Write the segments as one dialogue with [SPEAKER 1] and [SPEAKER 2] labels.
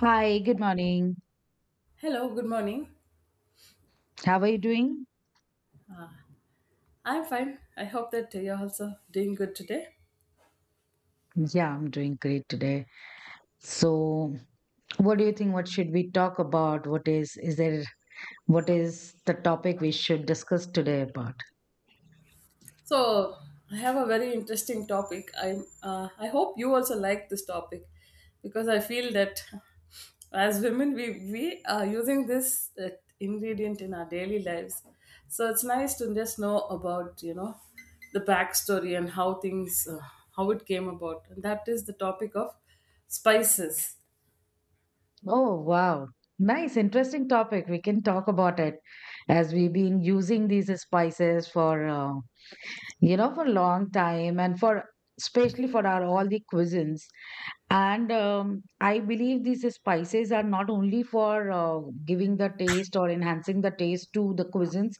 [SPEAKER 1] Hi, good morning.
[SPEAKER 2] Hello, good morning.
[SPEAKER 1] How are you doing?
[SPEAKER 2] I'm fine. I hope that you're also doing good today.
[SPEAKER 1] Yeah, I'm doing great today. So, what do you think? What should we talk about? What is the topic we should discuss today about?
[SPEAKER 2] So, I have a very interesting topic. I hope you also like this topic because I feel that as women we are using this ingredient in our daily lives. So, it's nice to just know about, you know, the backstory and how things, how it came about. And that is the topic of spices.
[SPEAKER 1] Oh, wow. Nice, interesting topic. We can talk about it as we've been using these spices for for a long time, and for especially for our all the cuisines. And I believe these spices are not only for giving the taste or enhancing the taste to the cuisines.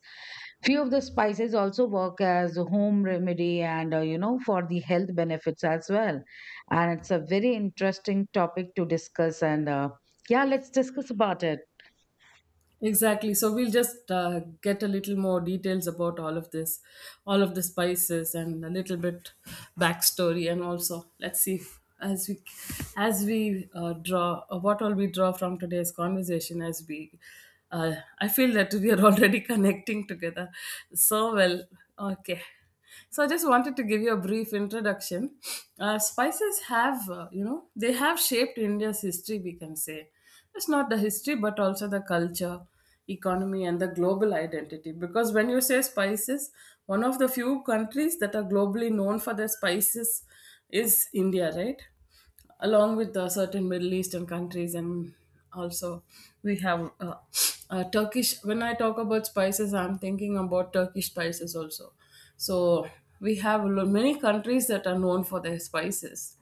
[SPEAKER 1] Few of the spices also work as a home remedy and, for the health benefits as well, and it's a very interesting topic to discuss. And yeah, let's discuss about it.
[SPEAKER 2] Exactly. So we'll just get a little more details about all of this, all of the spices, and a little bit backstory, and also let's see as we as we draw what all we draw from today's conversation. I feel that we are already connecting together so well. Okay. So I just wanted to give you a brief introduction. Spices have, you know, they have shaped India's history, we can say. It's not the history, but also the culture, economy, and the global identity. Because when you say spices, one of the few countries that are globally known for their spices is India, right? Along with the certain Middle Eastern countries, and also we have Turkish. When I talk about spices, I'm thinking about Turkish spices also. So we have many countries that are known for their spices,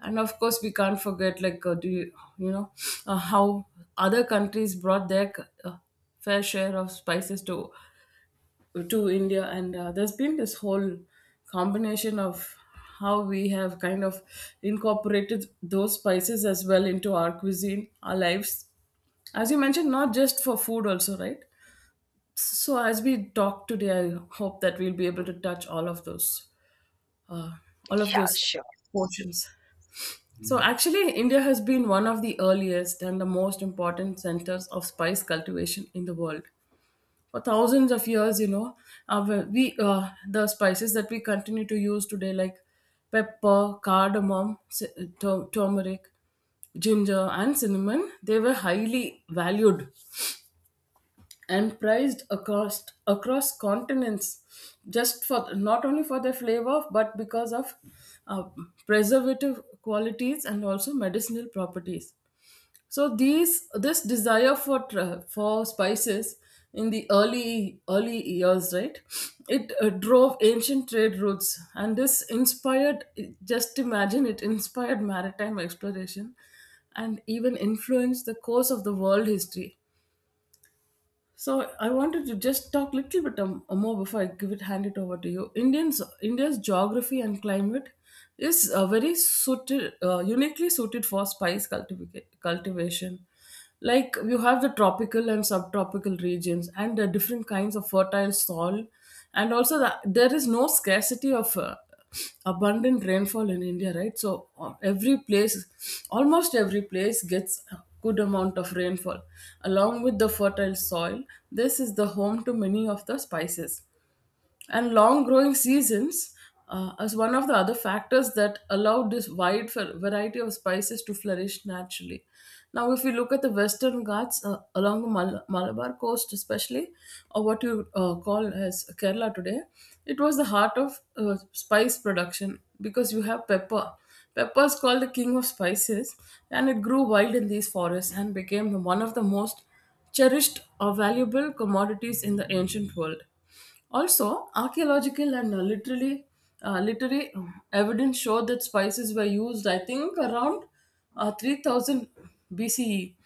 [SPEAKER 2] and of course we can't forget like do you, you know how other countries brought their uh, fair share of spices to india, and there's been this whole combination of how we have kind of incorporated those spices as well into our cuisine, our lives, as you mentioned, not just for food also, right? So as we talk today, I hope that we'll be able to touch uh, all of
[SPEAKER 1] Yeah,
[SPEAKER 2] those
[SPEAKER 1] sure.
[SPEAKER 2] portions. So actually, India has been one of the earliest and the most important centers of spice cultivation in the world. For thousands of years, you know, our, we the spices that we continue to use today, like pepper, cardamom, turmeric, ginger, and cinnamon, they were highly valued and prized across continents, just for not only for their flavor but because of uh, preservative qualities and also medicinal properties. So these this desire for for spices in the early years, right, it drove ancient trade routes, and this inspired, just imagine, it inspired maritime exploration, and even influenced the course of the world history. So I wanted to just talk a little bit more before I give it hand it over to you. Indians India's geography and climate is very suited, uniquely suited for spice cultivation. Like you have the tropical and subtropical regions and the different kinds of fertile soil, and also there is no scarcity of abundant rainfall in india, right? So every place almost every place gets a good amount of rainfall along with the fertile soil. This is the home to many of the spices and long growing seasons, as one of the other factors that allowed this wide variety of spices to flourish naturally. Now, if you look at the Western Ghats along the Malabar coast, especially, or what you call as Kerala today, it was the heart of spice production because you have pepper. Pepper is called the king of spices, and it grew wild in these forests and became one of the most cherished or valuable commodities in the ancient world. Also, archaeological and literally literary evidence show that spices were used, I think, around 3000 BCE.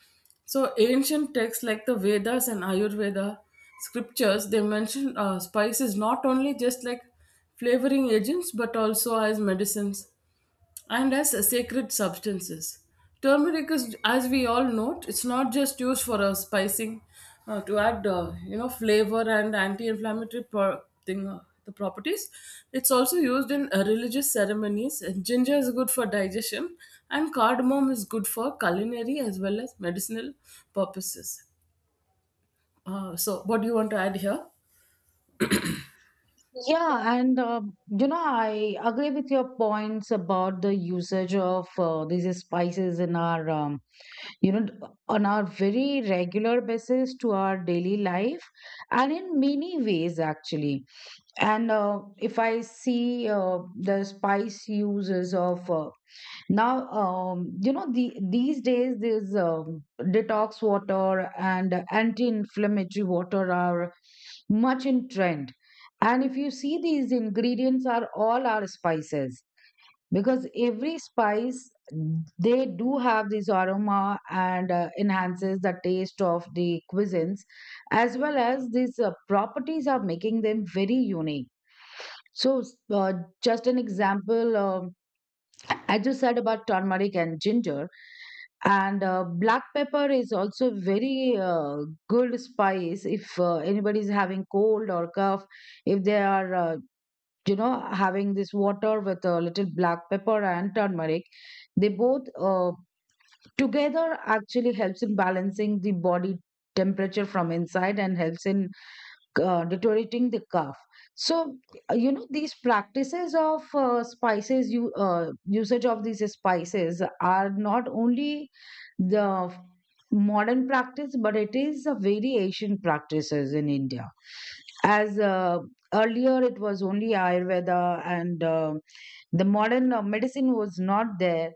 [SPEAKER 2] So, ancient texts like the Vedas and Ayurveda scriptures, they mention spices not only just like flavoring agents but also as medicines and as sacred substances. Turmeric is, as we all know, it's not just used for spicing, to add, you know, flavor and anti-inflammatory the properties. It's also used in religious ceremonies. And ginger is good for digestion, and cardamom is good for culinary as well as medicinal purposes. So, what do you want to add here?
[SPEAKER 1] Yeah, and you know, I agree with your points about the usage of these spices in our, you know on our very regular basis to our daily life, and in many ways actually. And if I see, the spice uses of now, the these days, these detox water and anti-inflammatory water are much in trend. And if you see, these ingredients are all our spices, because every spice, they do have this aroma and, enhances the taste of the cuisines, as well as these properties are making them very unique. So, uh, just an example. I just said about turmeric and ginger, and black pepper is also very good spice. If anybody is having cold or cough, if they are, you know having this water with a little black pepper and turmeric, they both, together actually helps in balancing the body temperature from inside and helps in deteriorating the cough. So, you know, these practices of spices, you usage of these spices are not only the modern practice, but it is a very ancient practices in India. As, earlier, it was only Ayurveda, and, the modern medicine was not there.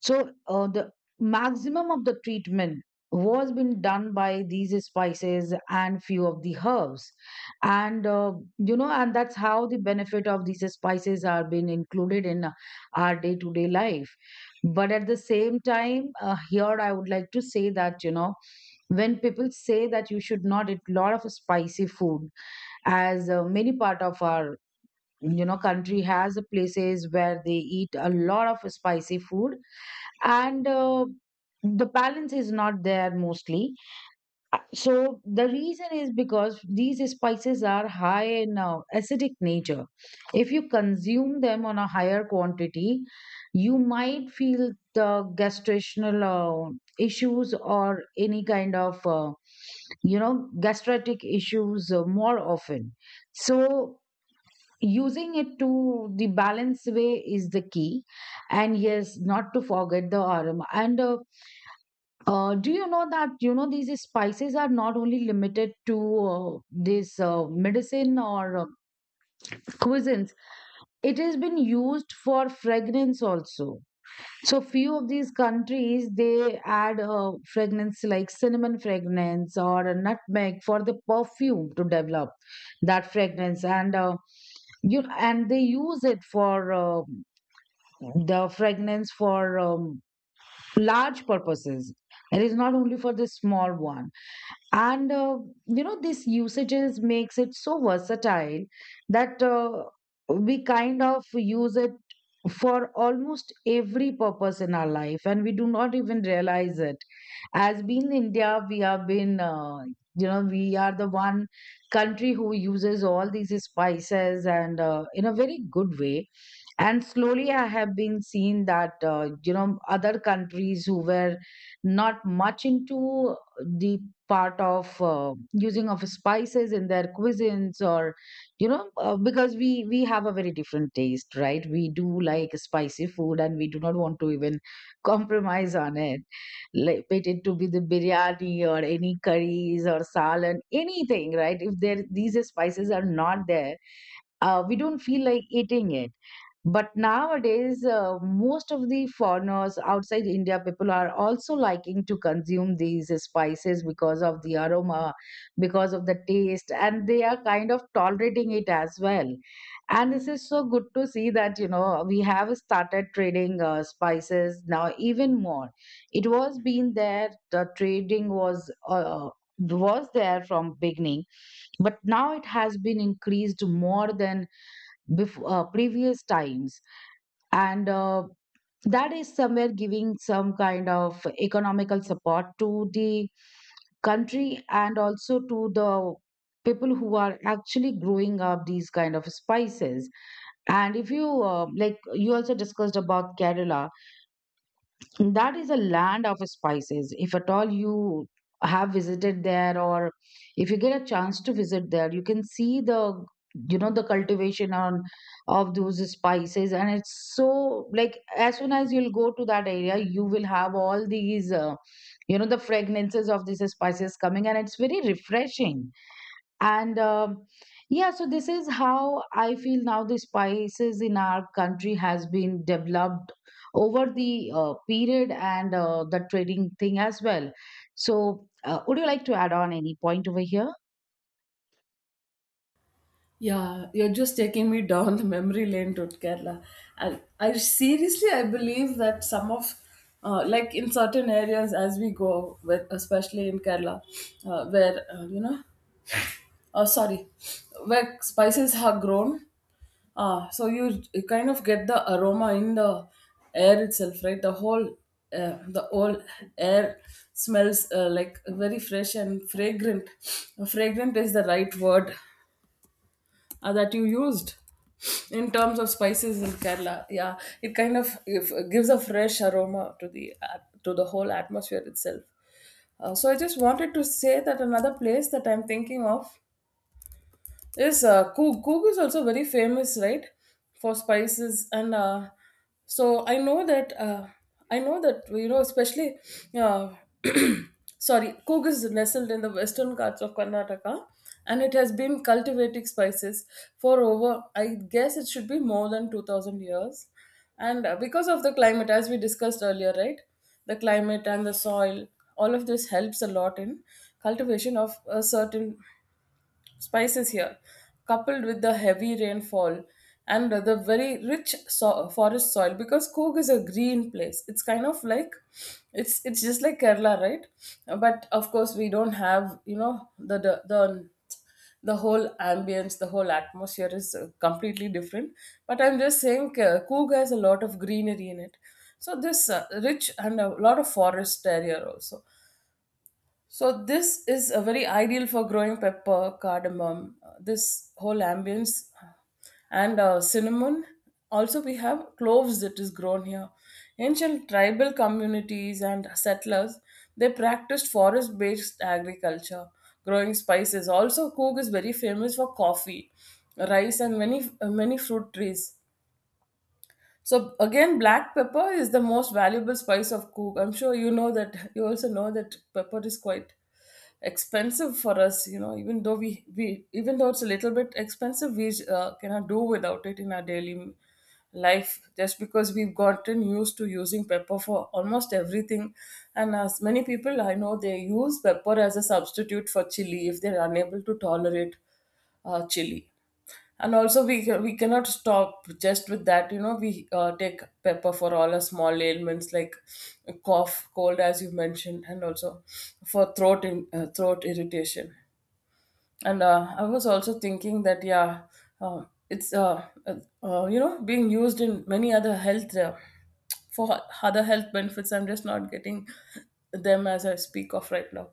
[SPEAKER 1] So the maximum of the treatment was being done by these spices and few of the herbs. And, and that's how the benefit of these spices are being included in our day to day life. But at the same time, here I would like to say that, you know, when people say that you should not eat lot of spicy food, as many part of our, you know, country has places where they eat a lot of spicy food, and the balance is not there mostly. So the reason is because these spices are high in acidic nature. If you consume them on a higher quantity, you might feel the gastrointestinal issues or any kind of, you know gastritic issues more often. So using it to the balance way is the key. And yes, not to forget the aroma. And do you know that, you know, these spices are not only limited to this, medicine or cuisines? It has been used for fragrance also. So few of these countries, they add fragrance like cinnamon fragrance or a nutmeg for the perfume to develop that fragrance. And, you and they use it for the fragrance for large purposes. It is not only for the small one. And, you know, this usages makes it so versatile that we kind of use it for almost every purpose in our life, and we do not even realize it. As being india, we have been, you know, we are the one country who uses all these spices and, in a very good way. And slowly I have been seeing that, you know, other countries who were not much into the part of using of spices in their cuisines, or, because we have a very different taste, right? We do like spicy food and we do not want to even compromise on it. Like it to be the biryani or any curries or salad, anything, right? If there these spices are not there, we don't feel like eating it. But nowadays, most of the foreigners outside India, people are also liking to consume these spices because of the aroma, because of the taste, and they are kind of tolerating it as well. And this is so good to see that, you know, we have started trading spices now even more. It was been there, the trading was. Was there from beginning, but now it has been increased more than before, previous times. And that is somewhere giving some kind of economical support to the country, and also to the people who are actually growing up these kind of spices. And if you, like you also discussed about kerala, that is a land of spices. If at all you have visited there, or if you get a chance to visit there, you can see the, you know, the cultivation on of those spices, and it's so like as soon as you'll go to that area, you will have all these, the fragrances of these spices coming, and it's very refreshing. And yeah, so this is how I feel now the spices in our country has been developed over the period, and the trading thing as well. So, would you like to add on any point over here?
[SPEAKER 2] Yeah, you're just taking me down the memory lane to Kerala. And I seriously, I believe that some of, like in certain areas as we go, with, especially in Kerala, you know, oh, sorry, where spices are grown, so you kind of get the aroma in the air itself, right? The whole air smells like very fresh and fragrant. Fragrant is the right word that you used in terms of spices in Kerala. Yeah, it kind of, if, gives a fresh aroma to the to the whole atmosphere itself. So I just wanted to say that another place that I'm thinking of, yes, Coog is also very famous, right, for spices. And so I know that I know that, you know, especially uh, sorry, Coog is nestled in the western parts of Karnataka, and it has been cultivating spices for over, I guess it should be more than 2000 years, and because of the climate, as we discussed earlier, right, the climate and the soil, all of this helps a lot in cultivation of a certain spices here, coupled with the heavy rainfall and the very rich forest soil, because Coorg is a green place. It's kind of like, it's just like Kerala, right? But of course, we don't have, you know, the whole ambience, the whole atmosphere is completely different. But I'm just saying, Coorg has a lot of greenery in it. So this rich and a lot of forest area also. So this is a very ideal for growing pepper, cardamom, this whole ambience, and cinnamon. Also, we have cloves that is grown here. Ancient tribal communities and settlers, they practiced forest-based agriculture, growing spices. Also, Coorg is very famous for coffee, rice, and many many fruit trees. So again, black pepper is the most valuable spice of Coorg. I'm sure you know that. You also know that pepper is quite expensive for us, you know, even though we even though it's a little bit expensive, we cannot do without it in our daily life, just because we've gotten used to using pepper for almost everything. And as many people I know, they use pepper as a substitute for chili if they're unable to tolerate chili. And also we we cannot stop just with that, you know, we take pepper for all our small ailments like cough, cold, as you mentioned, and also for throat irritation. And I was also thinking that, yeah, uh, it's you know, being used in many other health, for other health benefits. I'm just not getting them as I speak of right now.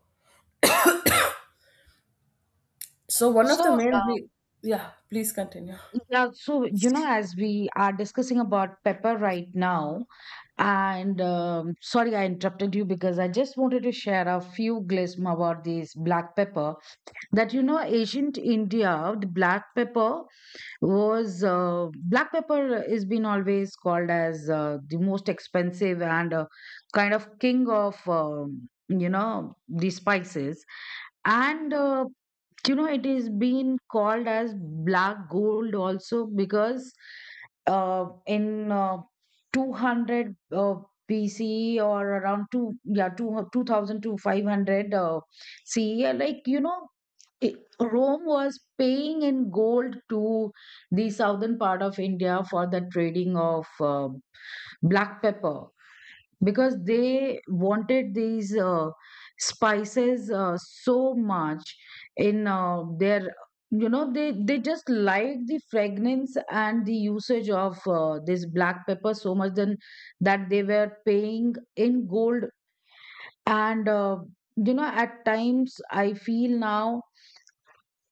[SPEAKER 2] So one
[SPEAKER 1] So,
[SPEAKER 2] of the main yeah, please continue.
[SPEAKER 1] yeah, so you know, as we are discussing about pepper right now, and, sorry I interrupted you because I just wanted to share a few glism about this black pepper. That, you know, ancient india, the black pepper was, black pepper is been always called as, the most expensive and, kind of king of, the spices. And, it is been called as black gold also. Because in 200 BCE, or around two thousand to 500 CE, Rome was paying in gold to the southern part of India for the trading of black pepper, because they wanted these spices so much in their, you know, they just liked the fragrance and the usage of this black pepper so much then, that they were paying in gold. And, you know, at times I feel now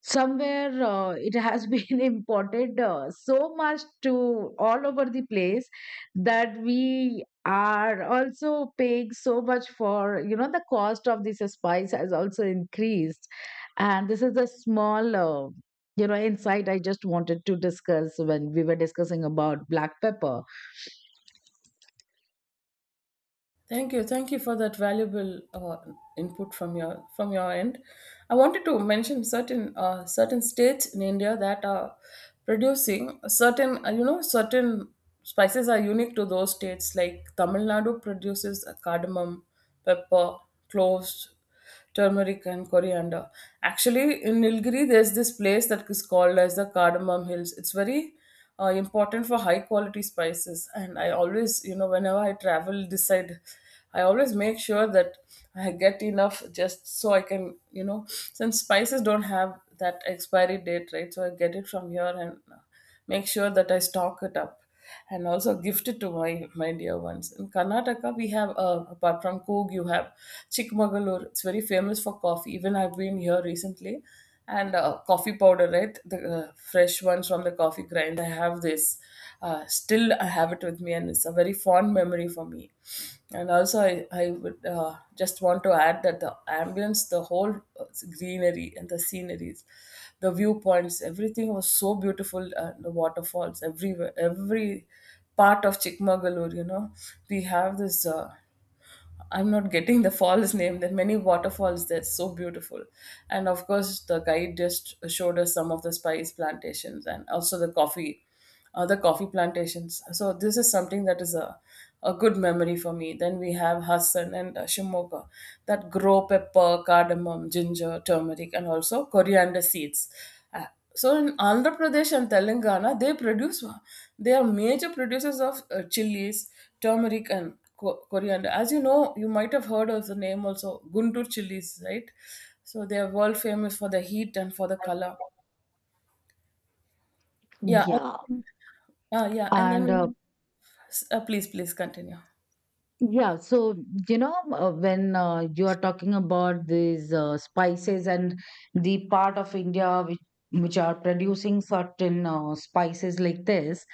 [SPEAKER 1] somewhere it has been imported so much to all over the place, that we are also paying so much for, you know, the cost of this spice has also increased. And this is a small, insight I just wanted to discuss when we were discussing about black pepper.
[SPEAKER 2] Thank you. Thank you for that valuable input from your end. I wanted to mention certain certain states in India that are producing certain, you know, certain spices are unique to those states. Like Tamil Nadu produces cardamom, pepper, cloves, turmeric, and coriander. Actually, in Nilgiri, there's this place that is called as the Cardamom Hills. It's very important for high quality spices, and I always, you know, whenever I travel, decide I always make sure that I get enough, just so I can, you know, since spices don't have that expiry date, right? So I get it from here and. Make sure that I stock it up and also gift it to my, my dear ones. In Karnataka, we have, apart from Coog, you have Chikmagalur. It's very famous for coffee. Even I've been here recently. And coffee powder, right? The fresh ones from the coffee grind. I have this still I have it with me, and it's a very fond memory for me. And also, I would just want to add that the ambience, the whole uh, greenery and the sceneries, the viewpoints, everything was so beautiful. The waterfalls everywhere, every part of Chikmagalur, you know, we have this. I'm not getting the fall's name. There are many waterfalls that's so beautiful. And of course, the guide just showed us some of the spice plantations and also the coffee plantations. So this is something that is a good memory for me. Then we have Hassan and Shimoka that grow pepper, cardamom, ginger, turmeric, and also coriander seeds. So in Andhra Pradesh and Telangana they produce, they are major producers of chilies, turmeric, and coriander. As you know, you might have heard of the name also, Guntur chilies, right? So they are world famous for the heat and for the color. yeah
[SPEAKER 1] Yeah.
[SPEAKER 2] and- yeah, and then
[SPEAKER 1] And
[SPEAKER 2] please continue.
[SPEAKER 1] yeah, so you know, when you are talking about these spices and the part of India which are producing certain spices like this,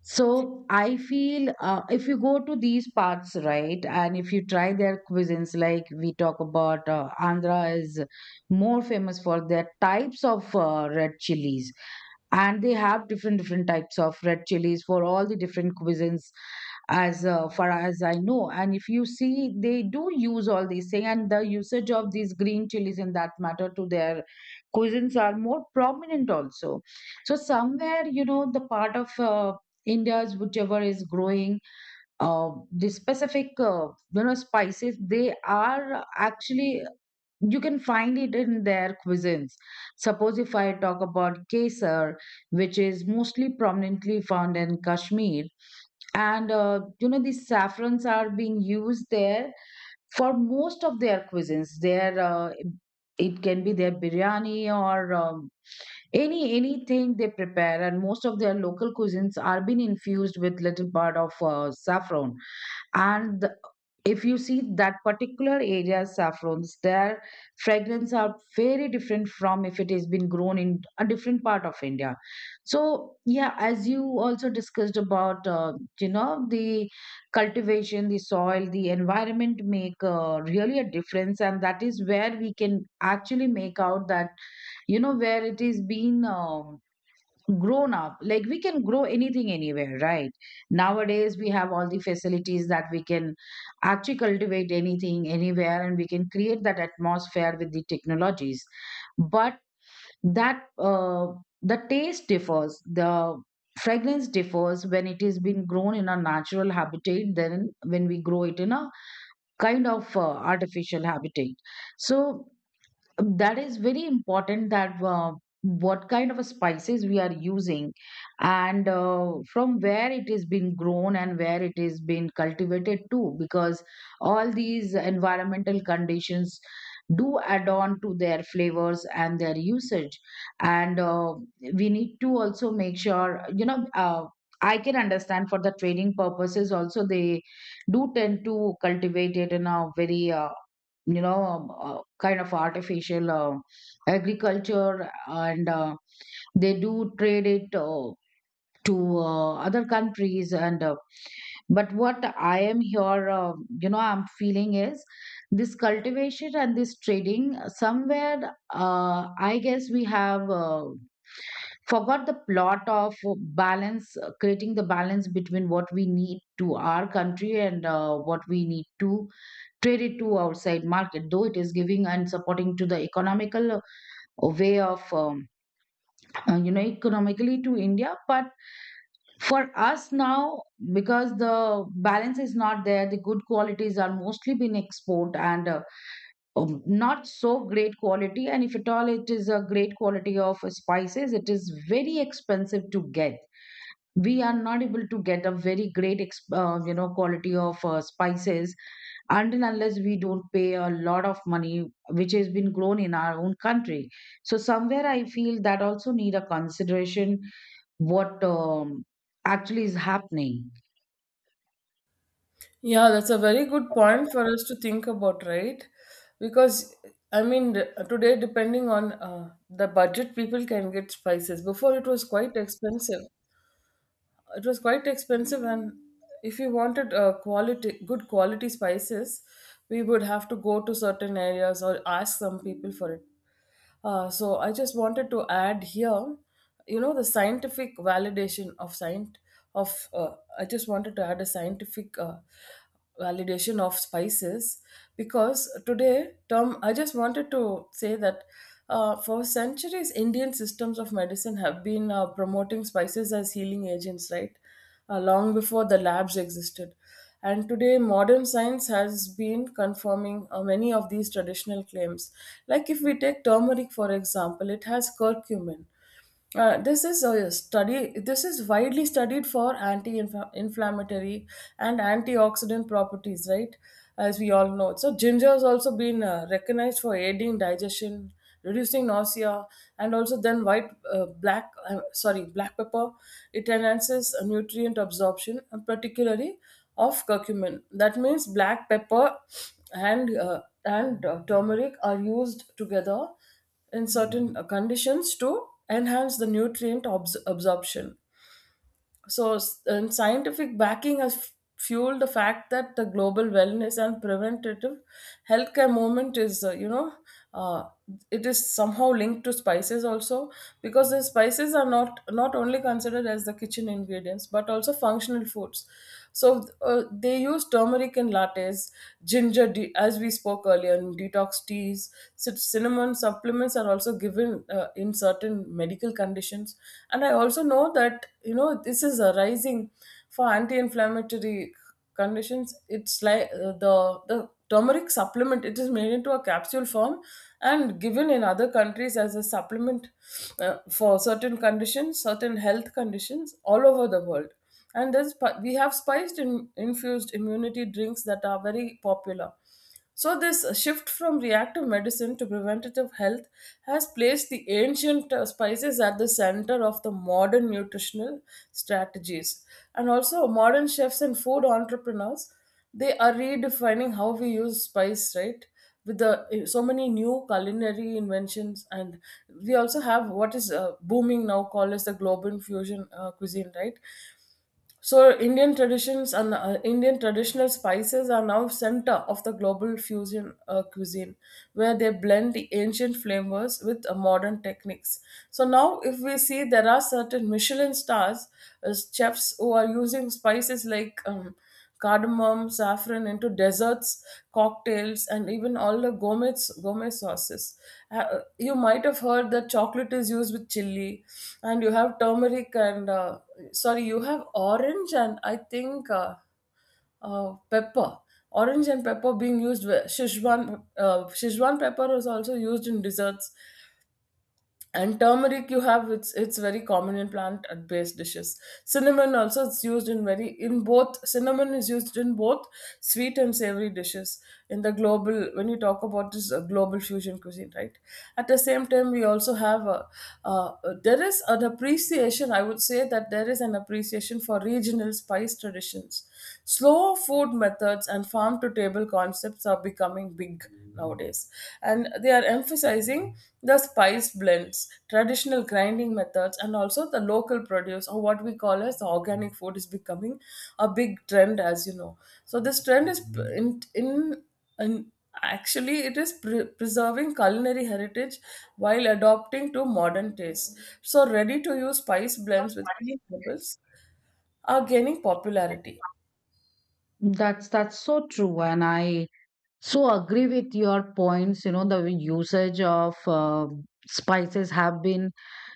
[SPEAKER 1] so I feel, if you go to these parts, right, and if you try their cuisines, like we talk about, Andhra is more famous for their types of red chilies, and they have different different types of red chilies for all the different cuisines, as far as I know. And if you see, they do use all these things, and the usage of these green chilies in that matter to their cuisines are more prominent also. So somewhere, you know, the part of India's whichever is growing, the specific, spices, they are actually you can find it in their cuisines. Suppose if I talk about kesar, which is mostly prominently found in Kashmir, and, you know, these saffrons are being used there for most of their cuisines. Their, it can be their biryani, or any anything they prepare, and most of their local cuisines are being infused with little part of saffron. and the- if you see, that particular area saffrons, their fragrance are very different from if it has been grown in a different part of india. So, yeah, as you also discussed about, the cultivation, the soil, the environment make really a difference. And that is where we can actually make out that, you know, where it is being. Grown up, like, we can grow anything anywhere, right? Nowadays we have all the facilities that we can actually cultivate anything anywhere, and we can create that atmosphere with the technologies. But that the taste differs, the fragrance differs when it is being grown in a natural habitat than when we grow it in a kind of artificial habitat. So that is very important, that what kind of a spices we are using, and from where it is being grown and where it is being cultivated too, because all these environmental conditions do add on to their flavors and their usage. And we need to also make sure, you know, I can understand for the trading purposes also, they do tend to cultivate it in a very you know, kind of artificial agriculture, and they do trade it to other countries. And But what I am here, you know, I'm feeling is, this cultivation and this trading, somewhere, I guess we have forgot the plot of balance, creating the balance between what we need to our country and what we need to trade it to outside market, though it is giving and supporting to the economical way of you know, economically to india, but for us now, because the balance is not there, the good qualities are mostly been export, and not so great quality, and if at all it is a great quality of spices, it is very expensive to get. We are not able to get a very great you know, quality of spices until unless we don't pay a lot of money, which has been grown in our own country. So somewhere I feel that also need a consideration, what actually is happening.
[SPEAKER 2] Yeah, that's a very good point for us to think about, right? Because, I mean, today, depending on the budget, people can get spices. Before, it was quite expensive. It was quite expensive, and if we wanted quality, good quality spices, we would have to go to certain areas or ask some people for it. So I just wanted to add here, you know, the scientific validation of I just wanted to add a scientific validation of spices. Because today tom I just wanted to say that for centuries, Indian systems of medicine have been promoting spices as healing agents, right? Long before the labs existed, and today modern science has been confirming many of these traditional claims. Like if we take turmeric, for example, it has curcumin. This is a study. This is widely studied for anti-inflammatory and antioxidant properties, right? As we all know, so ginger has also been recognized for aiding digestion, reducing nausea, and also then sorry, black pepper. It enhances nutrient absorption, and particularly of curcumin. That means black pepper and turmeric are used together in certain conditions to enhance the nutrient absorption. And scientific backing has fueled the fact that the global wellness and preventative healthcare movement is, uh, it is somehow linked to spices also, because the spices are not only considered as the kitchen ingredients but also functional foods. So they use turmeric in lattes, as we spoke earlier, in detox teas. Cinnamon supplements are also given certain in certain medical conditions. And I also know that, you know, this is arising for anti-inflammatory conditions. It's like the turmeric supplement, it is made into a capsule form and given in other countries as a supplement for certain conditions, certain health conditions all over the world. And there's we have infused immunity drinks that are very popular. So, this shift from reactive medicine to preventative health has placed the ancient spices at the center of the modern nutritional strategies. And also, modern chefs and food entrepreneurs, they are redefining how we use spice, right? With the so many new culinary inventions, and we also have what is booming now, called as the global fusion cuisine, right? So Indian traditions and Indian traditional spices are now center of the global fusion cuisine, where they blend the ancient flavors with modern techniques. So now, if we see, there are certain Michelin stars chefs who are using spices like cardamom, saffron into desserts, cocktails, and even all the gourmet sauces. You might have heard that chocolate is used with chili, and you have turmeric and sorry, you have orange and I think pepper. Orange and pepper being used Szechuan pepper is also used in desserts. And turmeric, you have, it's very common in plant based dishes. Cinnamon also, it's used in very in both cinnamon is used in both sweet and savory dishes in the global, when you talk about this global fusion cuisine, right? At the same time, we also have uh, there is an appreciation, I would say that there is an appreciation for regional spice traditions. Slow food methods and farm to table concepts are becoming big nowadays, and they are emphasizing the spice blends, traditional grinding methods, and also the local produce, or what we call as the organic food, is becoming a big trend, as you know. So this trend is p- in actually it is preserving culinary heritage while adopting to modern tastes. So ready to use spice blends with key herbals are gaining popularity.
[SPEAKER 1] That's so true, and I so agree with your points. You know, the usage of spices have been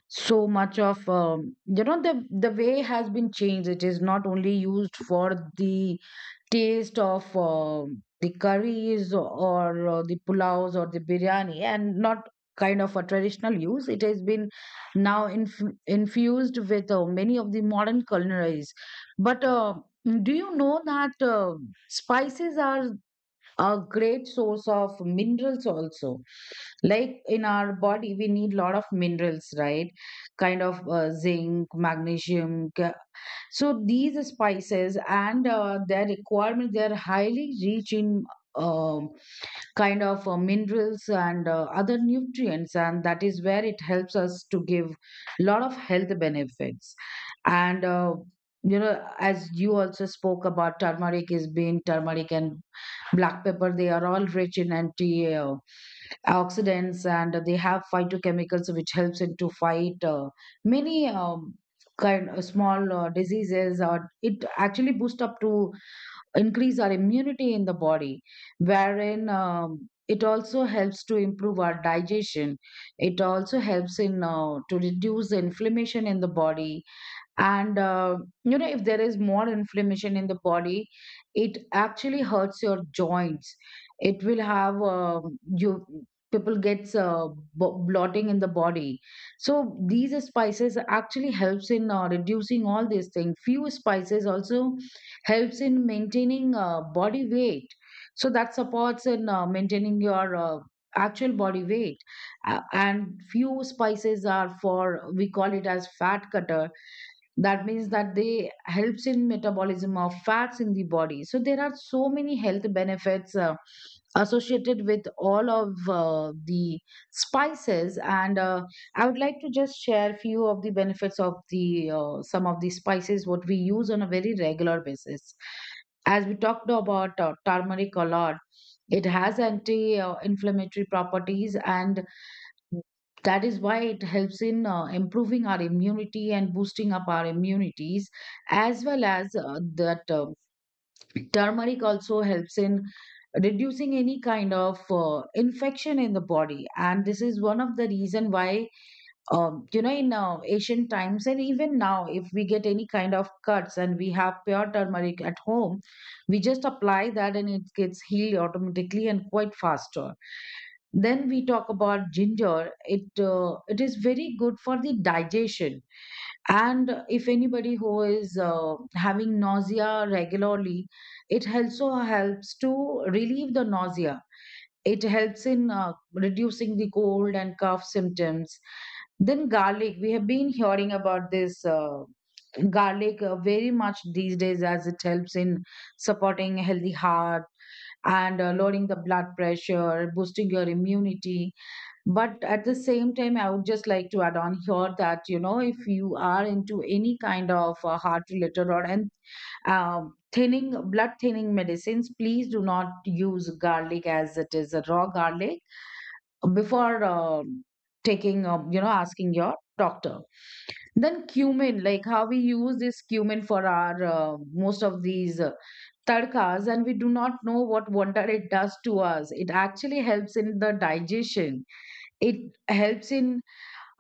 [SPEAKER 1] so much of you know, the way has been changed. It is not only used for the taste of the curries or the pulaos or the biryani, and not kind of a traditional use. It has been now infused with many of the modern culinaries. But do you know that spices are a great source of minerals also? Like, in our body we need lot of minerals, right? Kind of zinc, magnesium, so these spices and their requirement, they are highly rich in um, kind of minerals and other nutrients, and that is where it helps us to give a lot of health benefits. And you know, as you also spoke about turmeric is being turmeric and black pepper, they are all rich in anti oxidants, and they have phytochemicals which helps it to fight many kind of small diseases, or it actually boosts up to increase our immunity in the body, wherein it also helps to improve our digestion. It also helps in to reduce the inflammation in the body. And you know, if there is more inflammation in the body, it actually hurts your joints. It will have you people gets bloating in the body. So these spices actually helps in reducing all these things. Few spices also helps in maintaining body weight, so that supports in maintaining your actual body weight. And few spices are, for we call it as fat cutter, that means that they helps in metabolism of fats in the body. So there are so many health benefits associated with all of the spices. And I would like to just share few of the benefits of the some of the spices what we use on a very regular basis. As we talked about turmeric a lot, it has anti inflammatory properties, and that is why it helps in improving our immunity and boosting up our immunities, as well as that turmeric also helps in reducing any kind of infection in the body. And this is one of the reason why, you know, in ancient times and even now, if we get any kind of cuts and we have pure turmeric at home, we just apply that and it gets healed automatically and quite faster. Then we talk about ginger. It is very good for the digestion. And if anybody who is having nausea regularly, it also helps to relieve the nausea. It helps in reducing the cold and cough symptoms. Then garlic. We have been hearing about this garlic very much these days, as it helps in supporting a healthy heart and lowering the blood pressure, boosting your immunity. But at the same time, I would just like to add on here that, you know, if you are into any kind of heart related or and thinning, blood thinning medicines, please do not use garlic as it is, a raw garlic, before taking, you know, asking your doctor. Then cumin. Like how we use this cumin for our most of these tadkas, and we do not know what wonder it does to us. It actually helps in the digestion. It helps in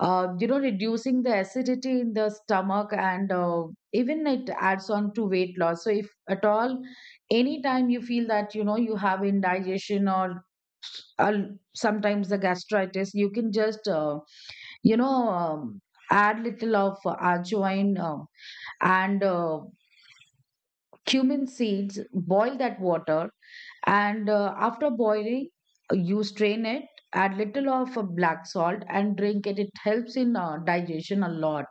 [SPEAKER 1] you know, reducing the acidity in the stomach, and even it adds on to weight loss. So if at all any time you feel that, you know, you have indigestion or sometimes the gastritis, you can just you know, add little of ajwain and cumin seeds, boil that water, and after boiling you strain it, add little of black salt and drink it. It helps in digestion a lot.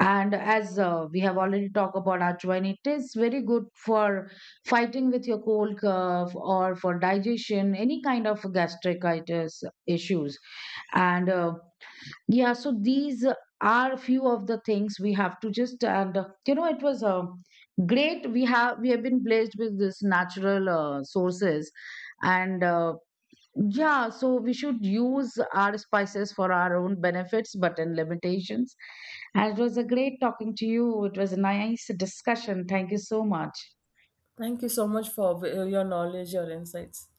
[SPEAKER 1] And as we have already talked about ajwain, it is very good for fighting with your cold cough or for digestion, any kind of gastritis issues. And yeah, so these are few of the things we have to just, and you know, it was great. We have been blessed with this natural sources, and yeah, so we should use our spices for our own benefits, but in limitations. And it was a great talking to you. It was a nice discussion. Thank you so much.
[SPEAKER 2] Thank you so much for your knowledge, your insights.